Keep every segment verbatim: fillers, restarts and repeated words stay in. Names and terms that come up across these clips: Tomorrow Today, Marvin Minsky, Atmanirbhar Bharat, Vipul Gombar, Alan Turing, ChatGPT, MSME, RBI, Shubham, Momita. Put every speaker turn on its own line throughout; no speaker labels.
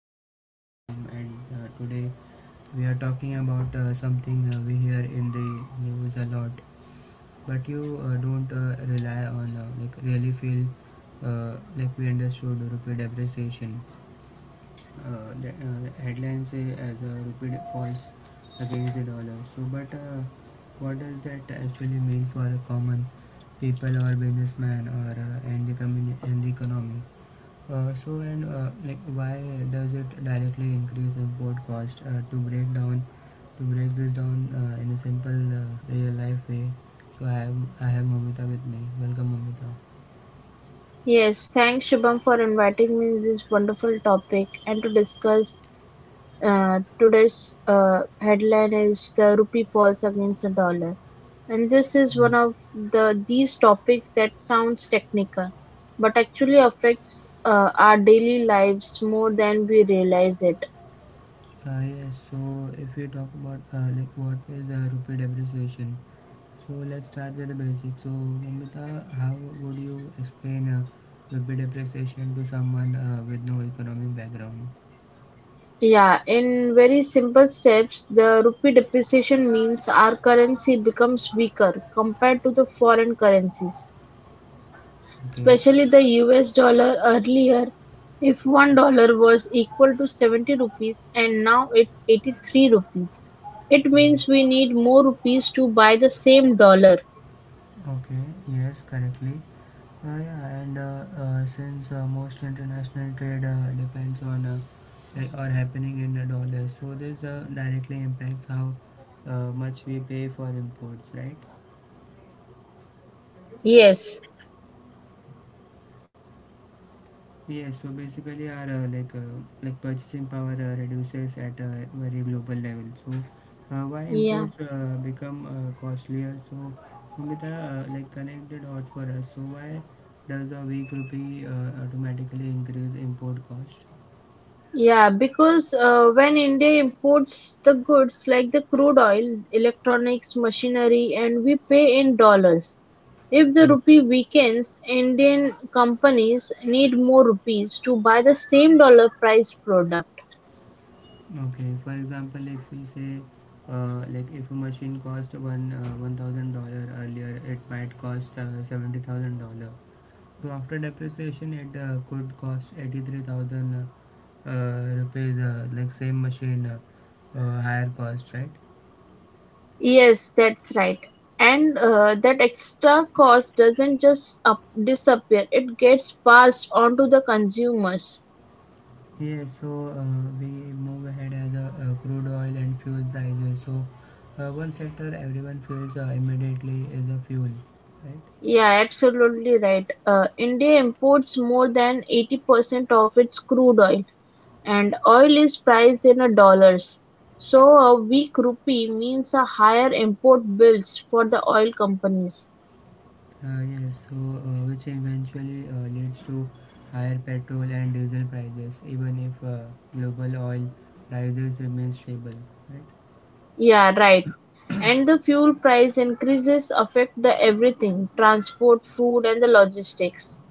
podcast. I'm Shubham, and uh, today we are talking about uh, something uh, we hear in the news a lot, but you uh, don't uh, rely on uh, like really feel uh, like we understood rupee depreciation. Uh, the, uh, the headlines say as uh, rupee falls against the dollar. So, but uh, what does that actually mean for a common people or businessman or uh, and the community and the economy? Uh, so and uh, like why does it directly increase import cost? Uh, to break down, to break this down uh, in a simple uh, real life way. So I have I have Momita with me. Welcome Momita.
Yes, thanks Shubham for inviting me in this wonderful topic and to discuss uh, today's uh, headline is the rupee falls against the dollar. And this is one
Yes.
of the these topics that sounds technical but actually affects uh, our daily lives more than we realize it.
Uh, yes. So if we talk about uh, like what is the rupee depreciation? So let's start with the basics. So Momita, how would you explain uh, rupee depreciation to someone uh, with no economic background?
Yeah, in very simple steps, the rupee depreciation means our currency becomes weaker compared to the foreign currencies,
Okay.
especially the U S dollar. Earlier if one dollar was equal to seventy rupees and now it's eighty-three rupees. It means
Yes.
we need more rupees to buy the same dollar.
Okay, yes, correctly. Uh, yeah, and uh, uh, since uh, most international trade uh, depends on uh, like or happening in the dollars, so this uh, directly impacts how uh, much we pay for imports, right?
Yes.
Yes, so basically our uh, like uh, like purchasing power uh, reduces at a very global level. So uh, why
Yeah.
imports uh, become uh, costlier? So Umita uh, like connect the dots for us. So why does a weak rupee uh, automatically increase import cost?
Yeah, because uh, when India imports the goods like the crude oil, electronics, machinery, and we pay in dollars. If the
Hmm.
rupee weakens, Indian companies need more rupees to buy the same dollar price product.
Okay, for example, if we say uh, like if a machine cost one uh, one thousand dollar earlier, it might cost uh, seventy thousand dollar. So after depreciation, it uh, could cost eighty-three thousand uh, uh, rupees, uh, like same machine, uh, uh, higher cost, right?
Yes, that's right. And uh, that extra cost doesn't just up- disappear, it gets passed on to the consumers.
Yes, so uh, we move ahead as uh, uh, crude oil and fuel prices. So uh, one sector everyone feels uh, immediately is the fuel, right?
Yeah, absolutely right. Uh, India imports more than eighty percent of its crude oil, and oil is priced in a dollars. So a weak rupee means a higher import bills for the oil companies.
Uh, yes, so uh, which eventually uh, leads to higher petrol and diesel prices, even if uh, global oil prices remain stable, right?
Yeah, right. And the fuel price increases affect the everything, transport, food, and the logistics.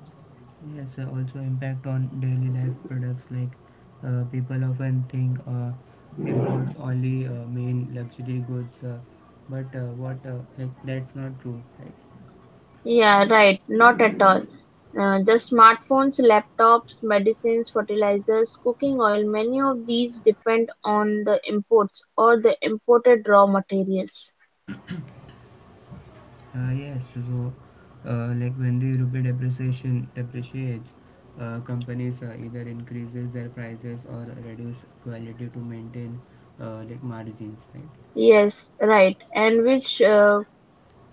Yes, uh, also impact on daily life products like uh, people often think uh, imports only uh, mean luxury goods, uh, but uh, what uh, like that's not true, right?
Yeah, right. Not at all. Uh, the smartphones, laptops, medicines, fertilizers, cooking oil, many of these depend on the imports or the imported raw materials.
Uh, yes, so uh, like when the rupee depreciation depreciates, uh, companies uh, either increases their prices or reduce quality to maintain uh, like margins,
Yes, right. And which uh,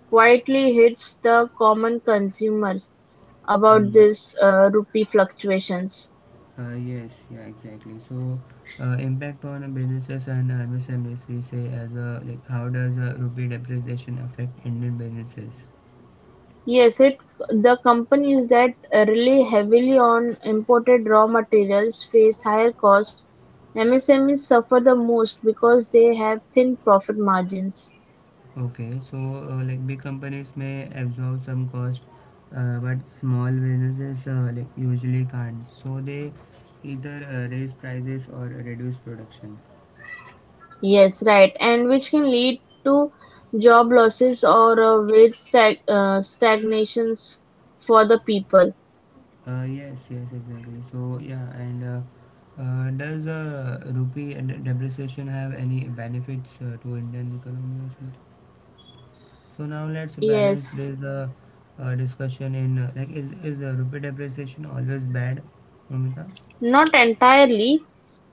quietly hits the common consumers about
right?
this uh, rupee fluctuations.
Uh, yes, yeah, exactly. So, uh, impact on businesses and uh, M S M Es, we say as a like how does uh, rupee depreciation affect Indian businesses?
Yes, it the companies that uh, rely heavily on imported raw materials face higher costs. M S M Es suffer the most because they have thin profit margins.
Okay, so uh, like big companies may absorb some cost, uh, but small businesses uh, like usually can't. So they either uh, raise prices or reduce production.
Yes, right, and which can lead to job losses or uh, wage stag- uh, stagnations for the people.
Uh, yes, yes, exactly. So yeah, and uh, uh, does uh, rupee and depreciation have any benefits uh, to Indian economy? Also? So now let's balance.
Yes,
There's a, uh discussion in uh, like is is the rupee depreciation always bad, Mamita?
not entirely.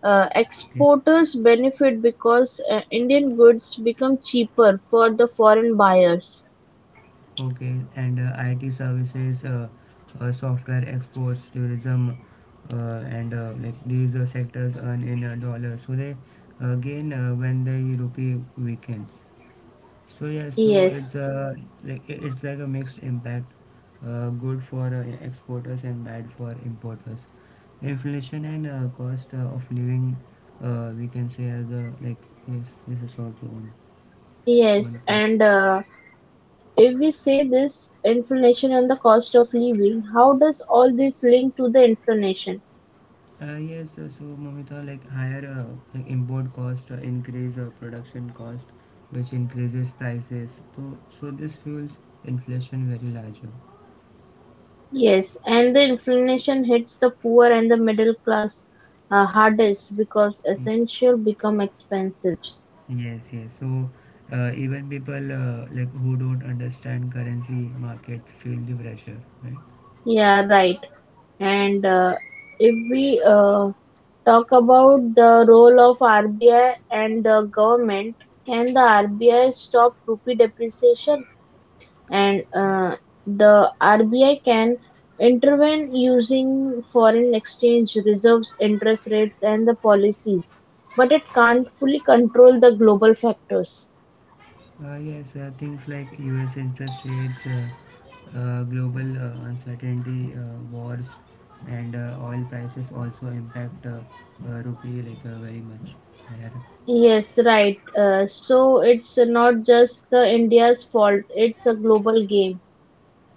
Uh,
Okay,
exporters benefit because uh, Indian goods become cheaper for the foreign buyers.
okay. And uh, I T services, uh, uh, software exports, tourism, uh, and uh, like these uh, sectors earn in uh, dollars, so they uh, gain uh, when the rupee weakens. So yeah, so it's
Yes,
a like i- it's like a mixed impact, uh, good for uh, exporters and bad for importers. Inflation and uh, cost uh, of living, uh, we can say as a like yes, this is also one
yes,
one point.
and uh, if we say this inflation and the cost of living, how does all this link to the inflation?
Uh, yes, uh, so Mamita, like higher uh, like import cost uh, increase uh, production cost, which increases prices. So so this fuels inflation very larger.
Yes, and the inflation hits the poor and the middle class uh, hardest because essential become expensive.
Yes, yes. So uh, even people uh, like who don't understand currency markets feel the pressure, right?
Yeah, right. And uh, if we uh, talk about the role of R B I and the government, can the R B I stop rupee depreciation? And uh, the R B I can intervene using foreign exchange reserves, interest rates, and the policies, but it can't fully control the global factors.
Uh, yes, uh, things like U S interest rates, uh, uh, global uh, uncertainty, uh, wars, and uh, oil prices also impact uh, uh, rupee like uh, very much higher.
Yes, right. Uh, so it's not just the India's fault, it's a global game.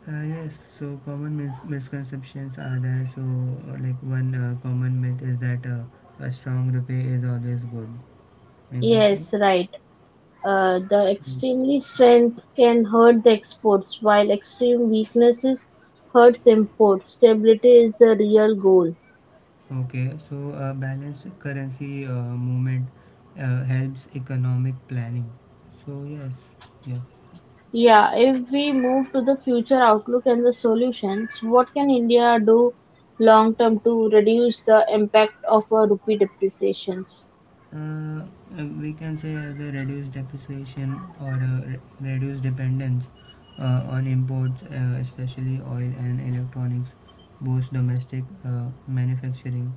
Uh, yes, so common mis- misconceptions are there. So uh, like one uh, common myth is that uh, a strong rupee is always good. Exactly.
Yes, right. Uh, the extremely strength can hurt the exports, while extreme weaknesses hurts imports. Stability is the real goal.
Okay, so a balanced currency uh, movement uh, helps economic planning. So yes, yeah.
Yeah, if we move to the future outlook and the solutions, what can India do long term to reduce the impact of uh, rupee depreciations?
Uh, uh, we can say as a reduced depreciation or a re- reduced dependence uh, on imports, uh, especially oil and electronics, boosts domestic uh, manufacturing.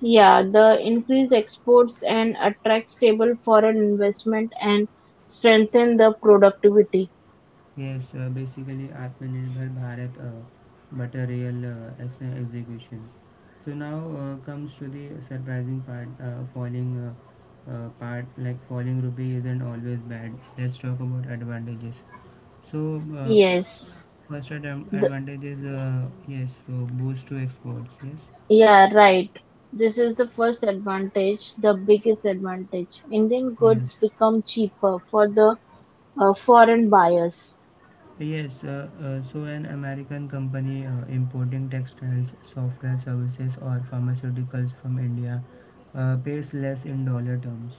Yeah, the increase exports and attract stable foreign investment and strengthen the productivity.
Yes, uh, basically Atmanirbhar Bharat, uh, but a real uh, ex- execution. So now uh, comes to the surprising part. Uh, falling uh, uh, part like falling rupee isn't always bad. Let's talk about advantages. So uh,
Yes,
first
the,
advantage is uh, yes, so boost to exports. Yes,
yeah, right. This is the first advantage, the biggest advantage. Indian
yes.
goods become cheaper for the uh, foreign buyers.
Yes, uh, uh, so an American company uh, importing textiles, software services, or pharmaceuticals from India uh, pays less in dollar terms.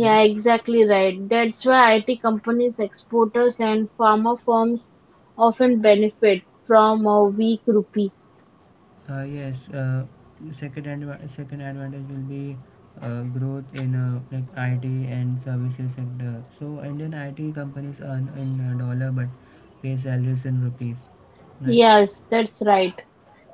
Yes,
exactly right. That's why I T companies, exporters, and farmer firms often benefit from a weak rupee.
uh, yes. Uh, second adva- second advantage will be uh, growth in uh, like I T and services sector. So Indian I T companies earn in uh, dollar but pay salaries in rupees, right?
Yes, that's right.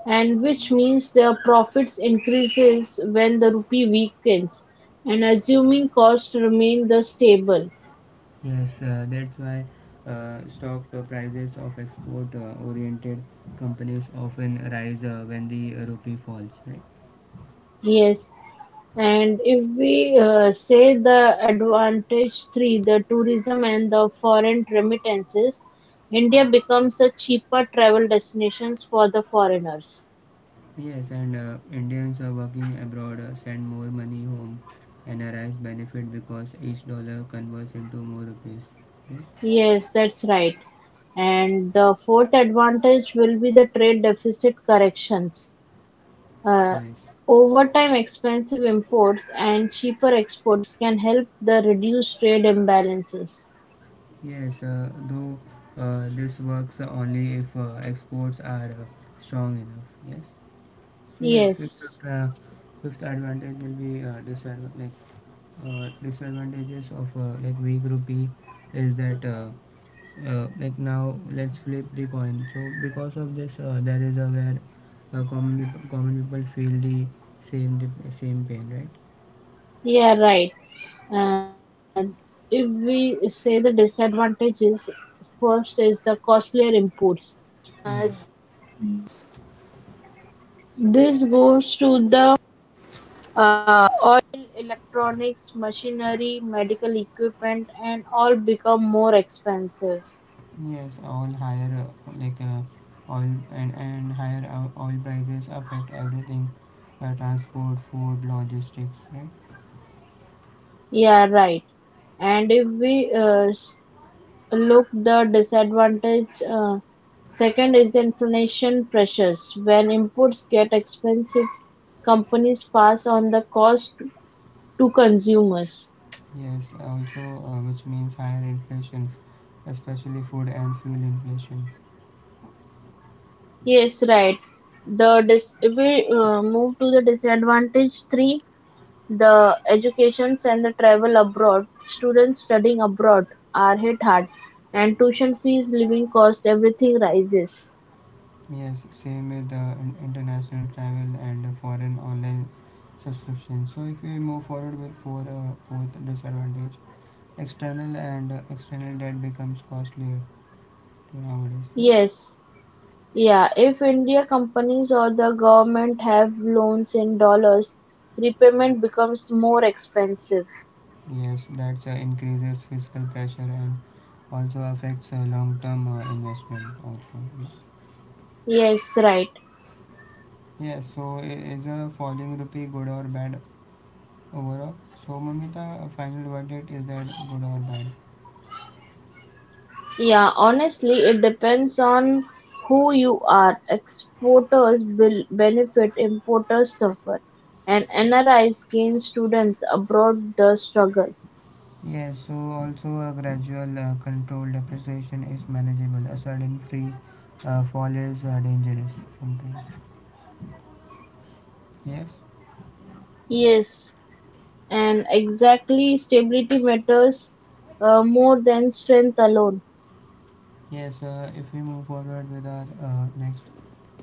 And which means their profits increases when the rupee weakens and assuming costs remain the stable.
Yes, uh, that's why uh, stock uh, prices of export-oriented companies often rise uh, when the uh, rupee falls, right?
Yes. And if we uh, say the advantage three, the tourism and the foreign remittances, India becomes a cheaper travel destinations for the foreigners.
Yes, and uh, Indians uh, working abroad uh, send more money home and arise benefit because each dollar converts into more rupees. Yes,
Yes, that's right. And the fourth advantage will be the trade deficit corrections. Uh,
yes,
over time, expensive imports and cheaper exports can help the reduce trade imbalances.
yes. Uh, though uh, this works only if uh, exports are uh, strong enough. Yes. So yes, fifth
Yes,
uh, fifth advantage will be uh, disadvantage. Uh, disadvantages of uh, like weak rupee is that uh, uh, like now let's flip the coin. So because of this uh, there is a where uh, common common people feel the same the same pain, right?
yeah, right. And if we say the disadvantages, first is the costlier import.
Yes, yes, all higher uh, like uh, oil and and higher uh, oil prices affect everything, uh, transport, food, logistics, right?
Yeah, right. And if we uh, s- look the disadvantage, uh, second is the inflation pressures. When inputs get expensive, companies pass on the cost to consumers.
Yes, also uh, which means higher inflation, especially food and fuel inflation.
Yes, right. The dis- if we uh, move to the disadvantage three, the educations and the travel abroad. Students abroad are hit hard, and tuition fees, living cost, everything rises.
Yes, same with the in- international travel and foreign online subscription. So if we move forward with for uh, fourth disadvantage, external and uh, external debt becomes costlier to nowadays. Yes,
Yes. Yeah, if India companies or the government have loans in dollars, repayment becomes more expensive.
yes, that's uh, increases fiscal pressure and also affects uh, long-term uh, investment also. Yes.
Yes, right.
Yes. So i- is a falling rupee good or bad overall? So Mamita, uh, final verdict is that good or bad?
Yeah, honestly, it depends on who you are. Exporters will benefit, importers suffer, and N R Is gain students abroad the struggle.
Yes, so also a gradual, uh, controlled appreciation is manageable. A sudden free uh, fall is uh, dangerous sometimes. Yes,
Yes, and exactly stability matters uh, more than strength alone.
yes. Uh, if we move forward with our uh, next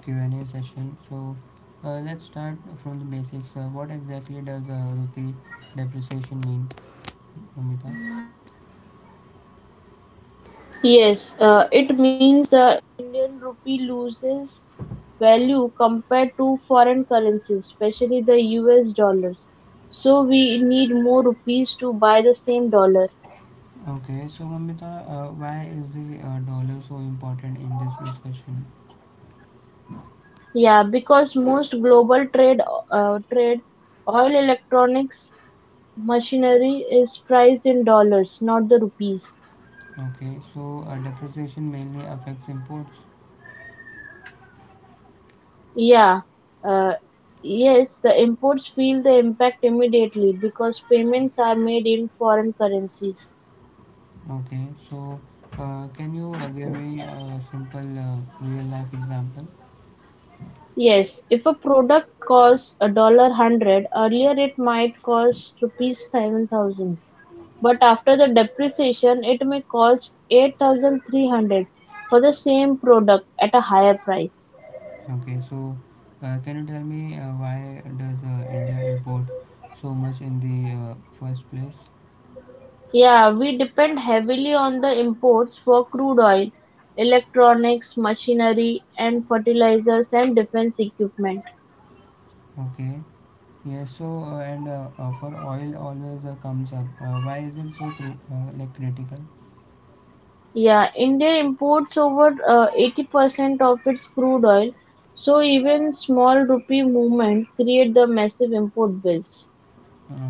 Q and A session, so uh, let's start from the basics. Uh, what exactly does uh, rupee depreciation mean, Mamita?
U S dollars. So we need more rupees to buy the same dollar.
Okay, so Mamita, uh, why is the uh, dollar so important in this discussion?
Yeah, because most global trade, uh, trade oil, electronics, machinery is priced in dollars, not the rupees.
Okay, so uh, depreciation mainly affects imports.
Yeah, uh, yes, the imports feel the impact immediately because payments are made in foreign currencies.
Okay, so uh, can you uh, give me a simple uh, real life example?
Yes, if a product costs a dollar hundred, earlier it might cost rupees seven thousand, but after the depreciation, it may cost eight thousand three hundred for the same product at a higher price.
Okay, so uh, can you tell me uh, why does uh, India import so much in the uh, first place?
Yeah, we depend heavily on the imports for crude oil, electronics, machinery, and fertilizers and defense equipment.
Okay, yes. So uh, and uh, uh, for oil always uh, comes up. Uh, why is it so cru- uh, like critical?
Yeah, India imports over uh, eighty percent of its crude oil, so even small rupee movement create the massive import bills.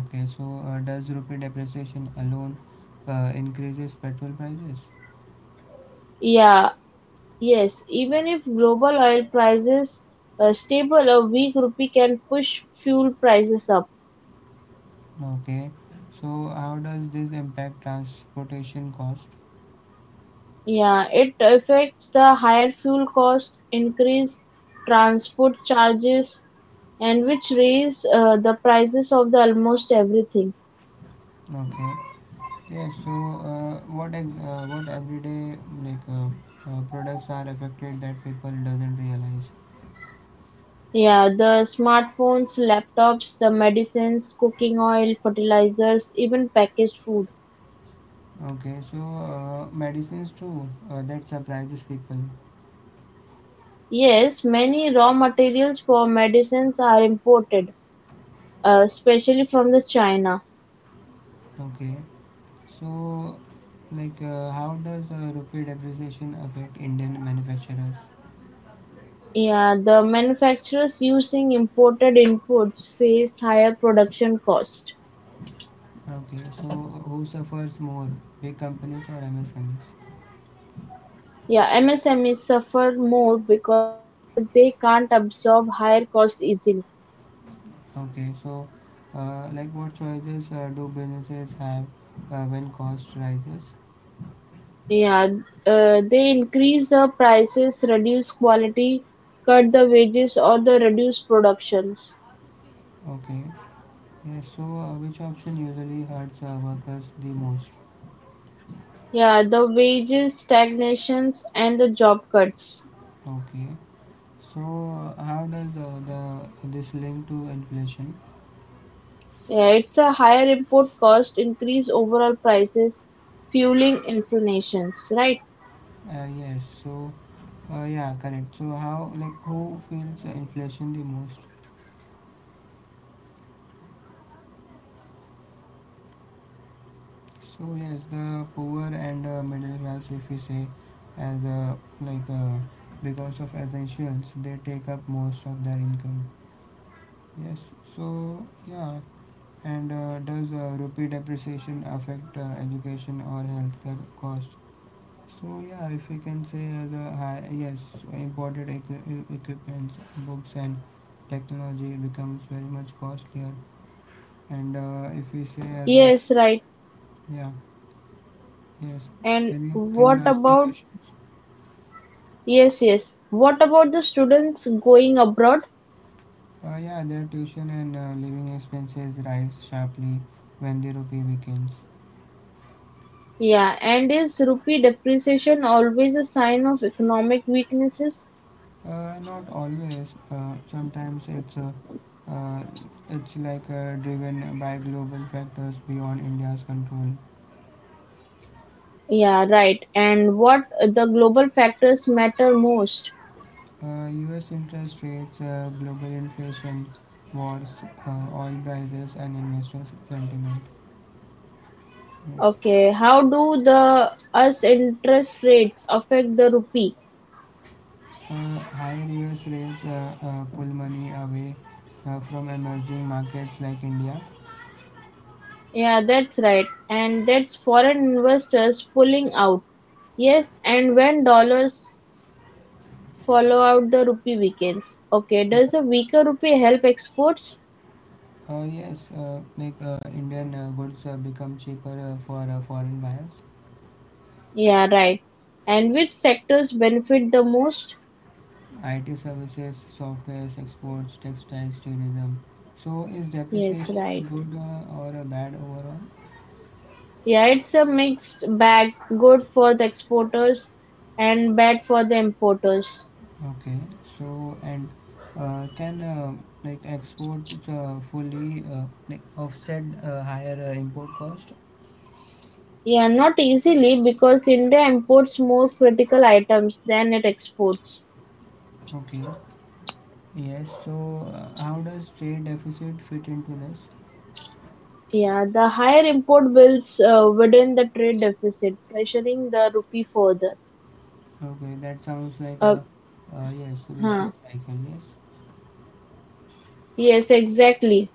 Okay, so uh, does rupee depreciation alone uh, increases petrol prices?
Yeah, yes, even if global oil prices uh, stable, a weak rupee can push fuel prices up.
Okay, so how does this impact transportation cost?
Yeah, it affects the higher fuel cost, increase transport charges, and which raise uh, the prices of the almost everything.
Okay. Yeah, so uh, what ex- uh, what everyday like uh, uh, products are affected that people doesn't realize.
Yeah, the smartphones, laptops, the medicines, cooking oil, fertilizers, even packaged food.
Okay, so uh, medicines too uh, that surprises people.
Yes, many raw materials for medicines are imported, uh, especially from the China.
Okay, so like uh, how does uh, rupee depreciation affect Indian manufacturers?
Yeah, the manufacturers using imported inputs face higher production cost.
Okay, so who suffers more, big companies or M S M Es?
Yeah, M S M M S M Es suffer more because they can't absorb higher cost easily.
Okay, so uh, like what choices uh, do businesses have uh, when cost rises?
Yeah, uh, they increase the prices, reduce quality, cut the wages, or the reduce productions.
Okay, yeah, so uh, which option usually hurts uh, workers the most?
Yeah, the wages stagnations and the job cuts.
Okay. So uh, how does uh, the this link to inflation?
Yeah, it's a higher import cost, increase overall prices, fueling inflations, right?
Uh, yes. So uh, yeah, correct. So how like who feels uh, inflation the most?
Yeah, the poor and the middle class because the essentials take up most
So
of
yes,
their
the
income.
poor and uh, middle class, if we say,
Okay, can I
as
ask the
uh,
questions
like
to
uh,
you?
because of essentials, they take up most of their income. Yes. So yeah, and uh, does uh, rupee depreciation affect uh, education or healthcare costs? So yeah, if we can say as a high, yes, imported equi- e, equipments, books and technology becomes very much costlier. And uh, if we say as a
Yes, right.
yeah, yes,
And
can you can you
what
ask me
about?
questions?
Yes, yes. What about the students going abroad?
Uh, yeah, their tuition and uh, living expenses rise sharply when the rupee weakens.
Yeah, and is rupee depreciation always a sign of economic weaknesses?
Uh, not always. Uh, sometimes it's uh, uh, it's like uh, driven by global factors beyond India's control.
Yeah, right. And what the global factors matter most?
Uh, U S interest rates, uh, global inflation, wars, uh, oil prices, and investor sentiment. Yes.
Okay, how do the us interest rates affect the rupee?
Uh, higher U S rates uh, uh, pull money away uh, from emerging markets like India.
Yeah, that's right. And that's foreign investors pulling out. Yes, and when dollars follow out the rupee weakens. Okay, does a weaker rupee help exports?
Uh, yes, uh, like uh, Indian uh, goods uh, become cheaper uh, for uh, foreign buyers.
Yeah, right. And which sectors benefit the most?
I T services, software, exports, textiles, tourism. So is
Yes,
depreciation a
right.
good uh, or a bad overall?
Yeah, it's a mixed bag, good for the exporters and bad for the importers.
Okay. So and uh, can uh, like export uh, fully uh, like offset uh, higher uh, import cost?
Yeah, not easily because India imports more critical items than it exports.
Okay. Yes. So uh, how does trade deficit fit into this?
Yeah, the higher import bills uh, widen the trade deficit, pressuring the rupee further.
Okay, that sounds like
Uh
a uh, yes, a vicious
huh.
cycle. Yes.
Yes, exactly.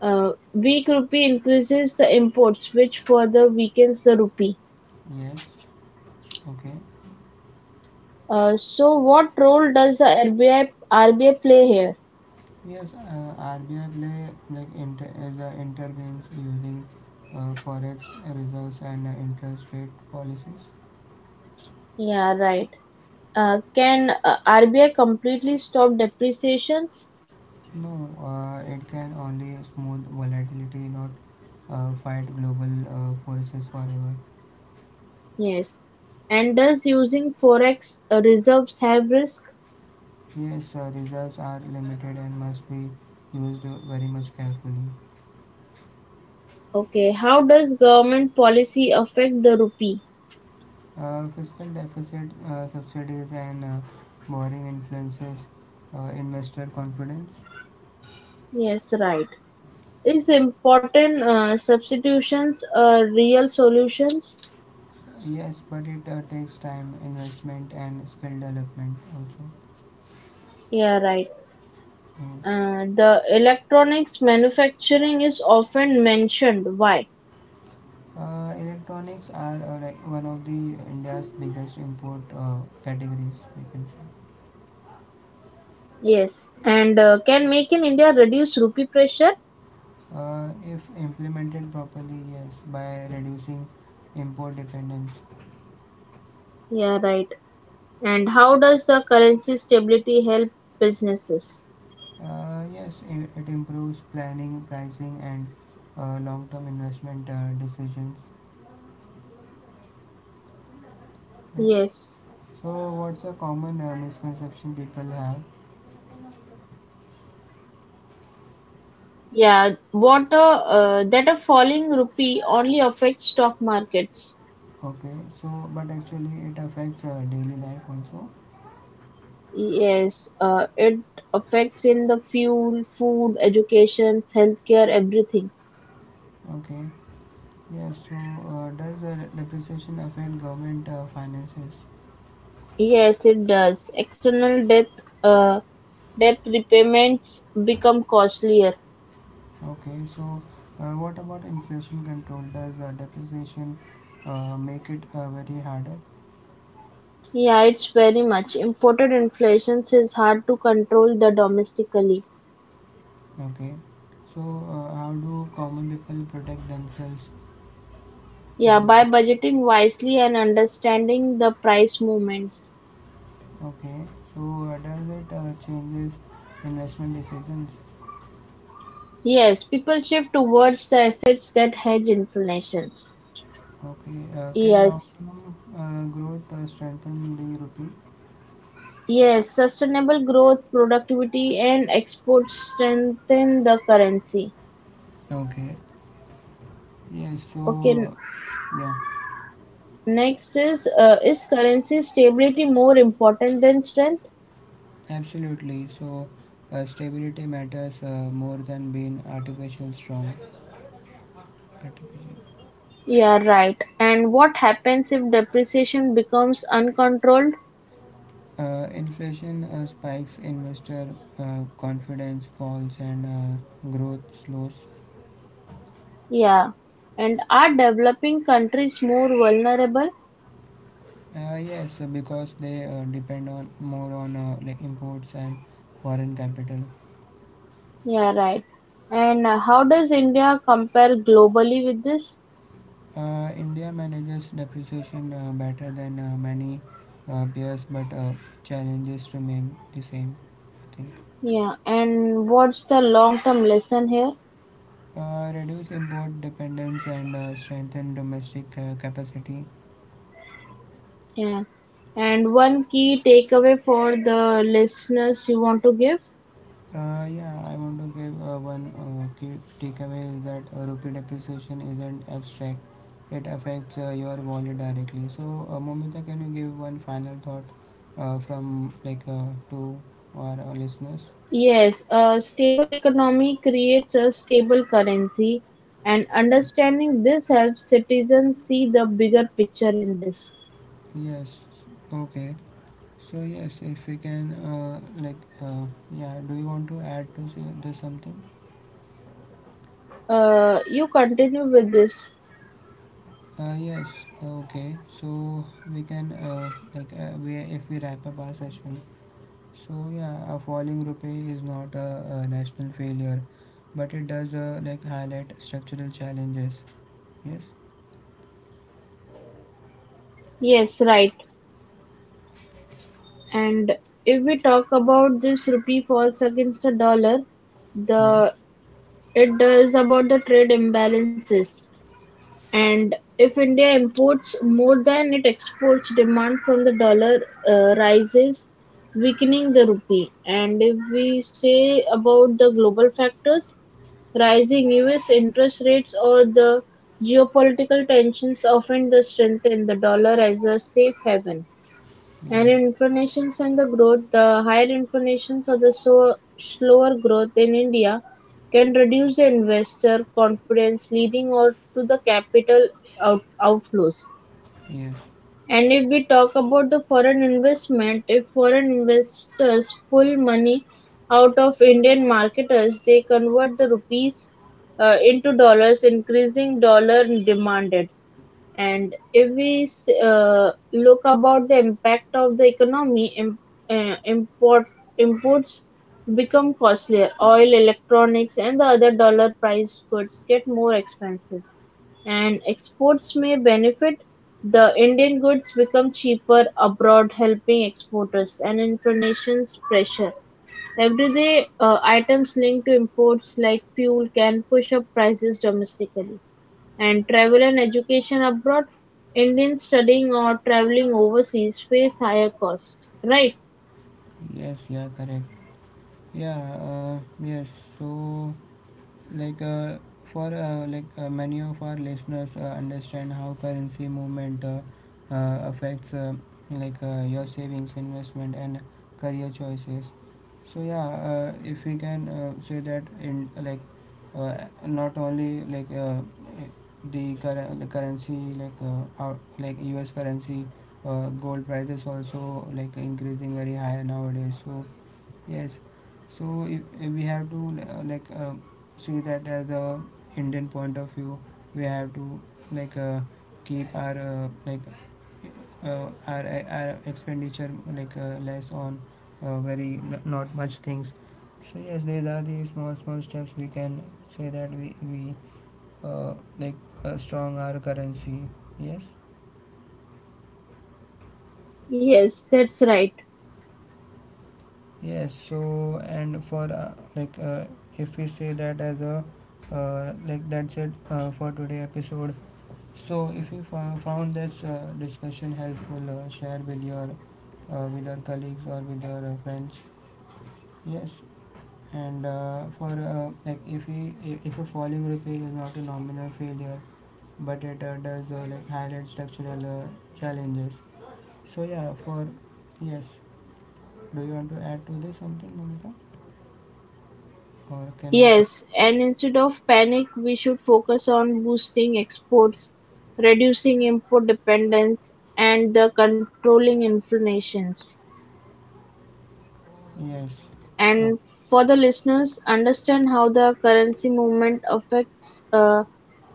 Uh, weak rupee increases the imports, which further weakens the rupee.
Yes. Okay.
Uh, so what role does the R B I R B I play here?
Yes, uh, R B I play like inter- as a intervenes using uh, forex reserves and uh, interest rate policies.
Yeah, right. Uh, can uh, R B I completely stop depreciations?
No, uh, it can only smooth volatility, not uh, fight global uh, forces forever.
Yes. And does using forex uh, reserves have risk?
Yes, uh, reserves are limited and must be used very much carefully.
Okay. How does government policy affect the rupee?
Uh, fiscal deficit, uh, subsidies, and uh, borrowing influences uh, investor confidence.
Yes, right. Is important uh, substitutions uh, real solutions?
Yes, but it uh, takes time, investment, and skill development also.
Yeah, right.
Yes.
Uh, the electronics manufacturing is often mentioned. Why?
Uh, electronics are uh, like one of the India's biggest import uh, categories, we can say.
Yes, and uh, can make in India reduce rupee pressure?
Uh, if implemented properly, yes, by reducing import dependence.
Yeah, right. And how does the currency stability help businesses?
Uh, yes, i- it improves planning, pricing, and uh, long-term investment uh, decisions. Yes.
Yes.
So, what's a common uh, misconception people have?
Yeah, what a, uh, that a falling rupee only affects stock markets.
Okay, so but actually it affects uh, daily life also.
Yes, uh, it affects in the fuel, food, education, healthcare, everything.
Okay, yes. So uh, does the depreciation affect government uh, finances?
Yes, it does. External debt, uh, debt repayments become costlier.
Okay, so uh, what about inflation control? Does uh, depreciation uh, make it uh, very harder?
Yeah, it's very much. Imported inflations is hard to control the domestically.
Okay, so uh, how do common people protect themselves
Yeah,
in this?
by budgeting wisely and understanding the price movements.
Okay, so uh, does it uh, changes investment decisions?
Yes, people shift towards the assets that hedge inflations.
Okay, uh, can
Yes.
long-term uh, growth uh, strengthen the rupee?
Yes, sustainable growth, productivity and exports strengthen the currency.
Okay. Yeah,
Okay, n-
so yeah,
next is uh, is currency stability more important than strength?
absolutely. So uh, stability matters uh, more than being artificial strong. Artificial.
Yeah, right. And what happens if depreciation becomes uncontrolled?
Uh, inflation uh, spikes, investor uh, confidence falls, and uh, growth slows.
Yeah. And are developing countries more vulnerable?
Uh, yes, because they uh, depend on more on uh, like imports and foreign capital.
Yeah, right. And uh, how does India compare globally with this?
Uh, India manages depreciation uh, better than uh, many uh, peers, but uh, challenges remain the same, I think.
Yeah. And what's the long-term lesson here?
Uh, reduce import dependence and uh, strengthen domestic uh, capacity.
Yeah. And one key takeaway for the listeners you want to give?
Uh, yeah, I want to give uh, one uh, key takeaway is that uh, rupee depreciation isn't abstract. It affects uh, your wallet directly. So, uh, Momita, can you give one final thought uh, from like uh, to our uh, listeners?
Yes, a stable economy creates a stable currency, and understanding this helps citizens see the bigger picture in this.
Yes. Okay. So yes, if we can uh, like uh, yeah, do you want to add to say this something?
Uh, you continue with this.
Uh, yes. Okay. So we can uh, like uh, we if we wrap up our session. So yeah, a falling rupee is not a, a national failure, but it does uh, like highlight structural challenges. Yes.
Yes, right. And if we talk about this rupee falls against the dollar,
Yes.
the it is about the trade imbalances. And if India imports more than it exports, demand from the dollar uh, rises, weakening the rupee. And if we say about the global factors, rising U S interest rates or the geopolitical tensions often the strengthen the dollar as a safe haven. And
Yes.
inflations and the growth, the higher inflations or the so, slower growth in India can reduce the investor confidence, leading or to the capital out, outflows.
Yes.
And if we talk about the foreign investment, if foreign investors pull money out of Indian marketers, they convert the rupees uh, into dollars, increasing dollar demanded. And if we s- uh, look about the impact of the economy, im- uh, import imports become costlier. Oil, electronics, and the other dollar price goods get more expensive. And exports may benefit. The Indian goods become cheaper abroad, helping exporters and inflation's pressure. Everyday uh, items linked to imports like fuel can push up prices domestically. And travel and education abroad, Indians studying or traveling overseas face higher costs, right?
Yes. Yeah. Correct. Yeah. Uh, yes. So like uh, for uh, like uh, many of our listeners uh, understand how currency movement uh, uh, affects uh, like uh, your savings investment and career choices. So yeah, uh, if we can uh, say that in like uh, not only like uh, the current the currency like uh, our, like us currency uh, gold prices also like increasing very high nowadays. So yes, so if, if we have to uh, like uh, see that as a Indian point of view, we have to like uh, keep our uh, like uh, our our expenditure like uh, less on uh, very n- not much things. So yes, these are the small small steps we can say that we we uh, like uh, strong our currency. Yes.
Yes, that's right.
Yes, so and for uh, like uh, if we say that as a uh, like that's it uh, for today episode. So if you fo- found this uh, discussion helpful, uh, share with your uh, with your colleagues or with your uh, friends. Yes, and uh, for uh, like if we i- if a falling rupee is not a nominal failure, but it uh, does uh, like highlight structural uh, challenges. So yeah, for yes, do you want to add to this something, Mamita, or can we?
Yes, and instead of panic, we should focus on boosting exports, reducing import dependence, and the controlling inflations.
Yes. Oh,
And for the listeners, understand how the currency movement affects uh,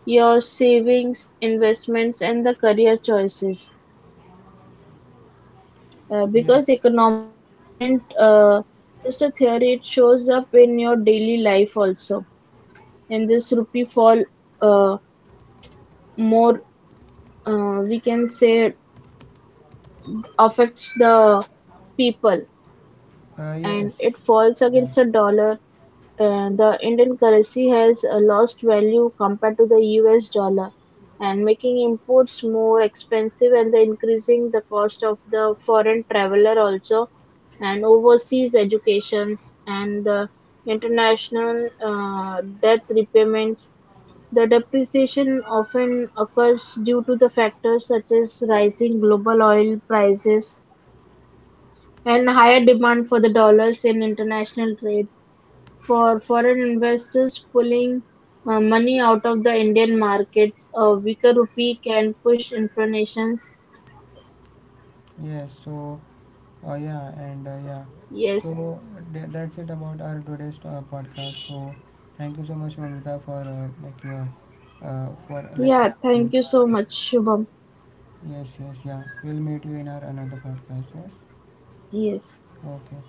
your savings, investments, and the career choices. Uh, because economics isn't
yes.
uh, just a theory, it shows up in your daily life also. And this rupee fall uh, more, uh, we can say, affects the people
Uh,
and it
yes.
falls against the
Yeah.
dollar and the Indian currency has uh, lost value compared to the U S dollar and making imports more expensive and the increasing the cost of the foreign traveler also and overseas educations and the international uh, debt repayments. The depreciation often occurs due to the factors such as rising global oil prices and higher demand for the dollars in international trade for foreign investors pulling uh, money out of the Indian markets, a weaker rupee can push inflations.
Yes. So, uh, yeah, and uh, yeah.
Yes.
So tha- that's it about our today's uh, podcast. So thank you so much, Mamita, for uh, like your uh, for like
Yeah,
yeah, coming
thank
to
you
our
so much,
podcast.
Shubham.
Yes. Yes. Yeah. We'll meet you in our another podcast. Yes.
Yes.
Okay.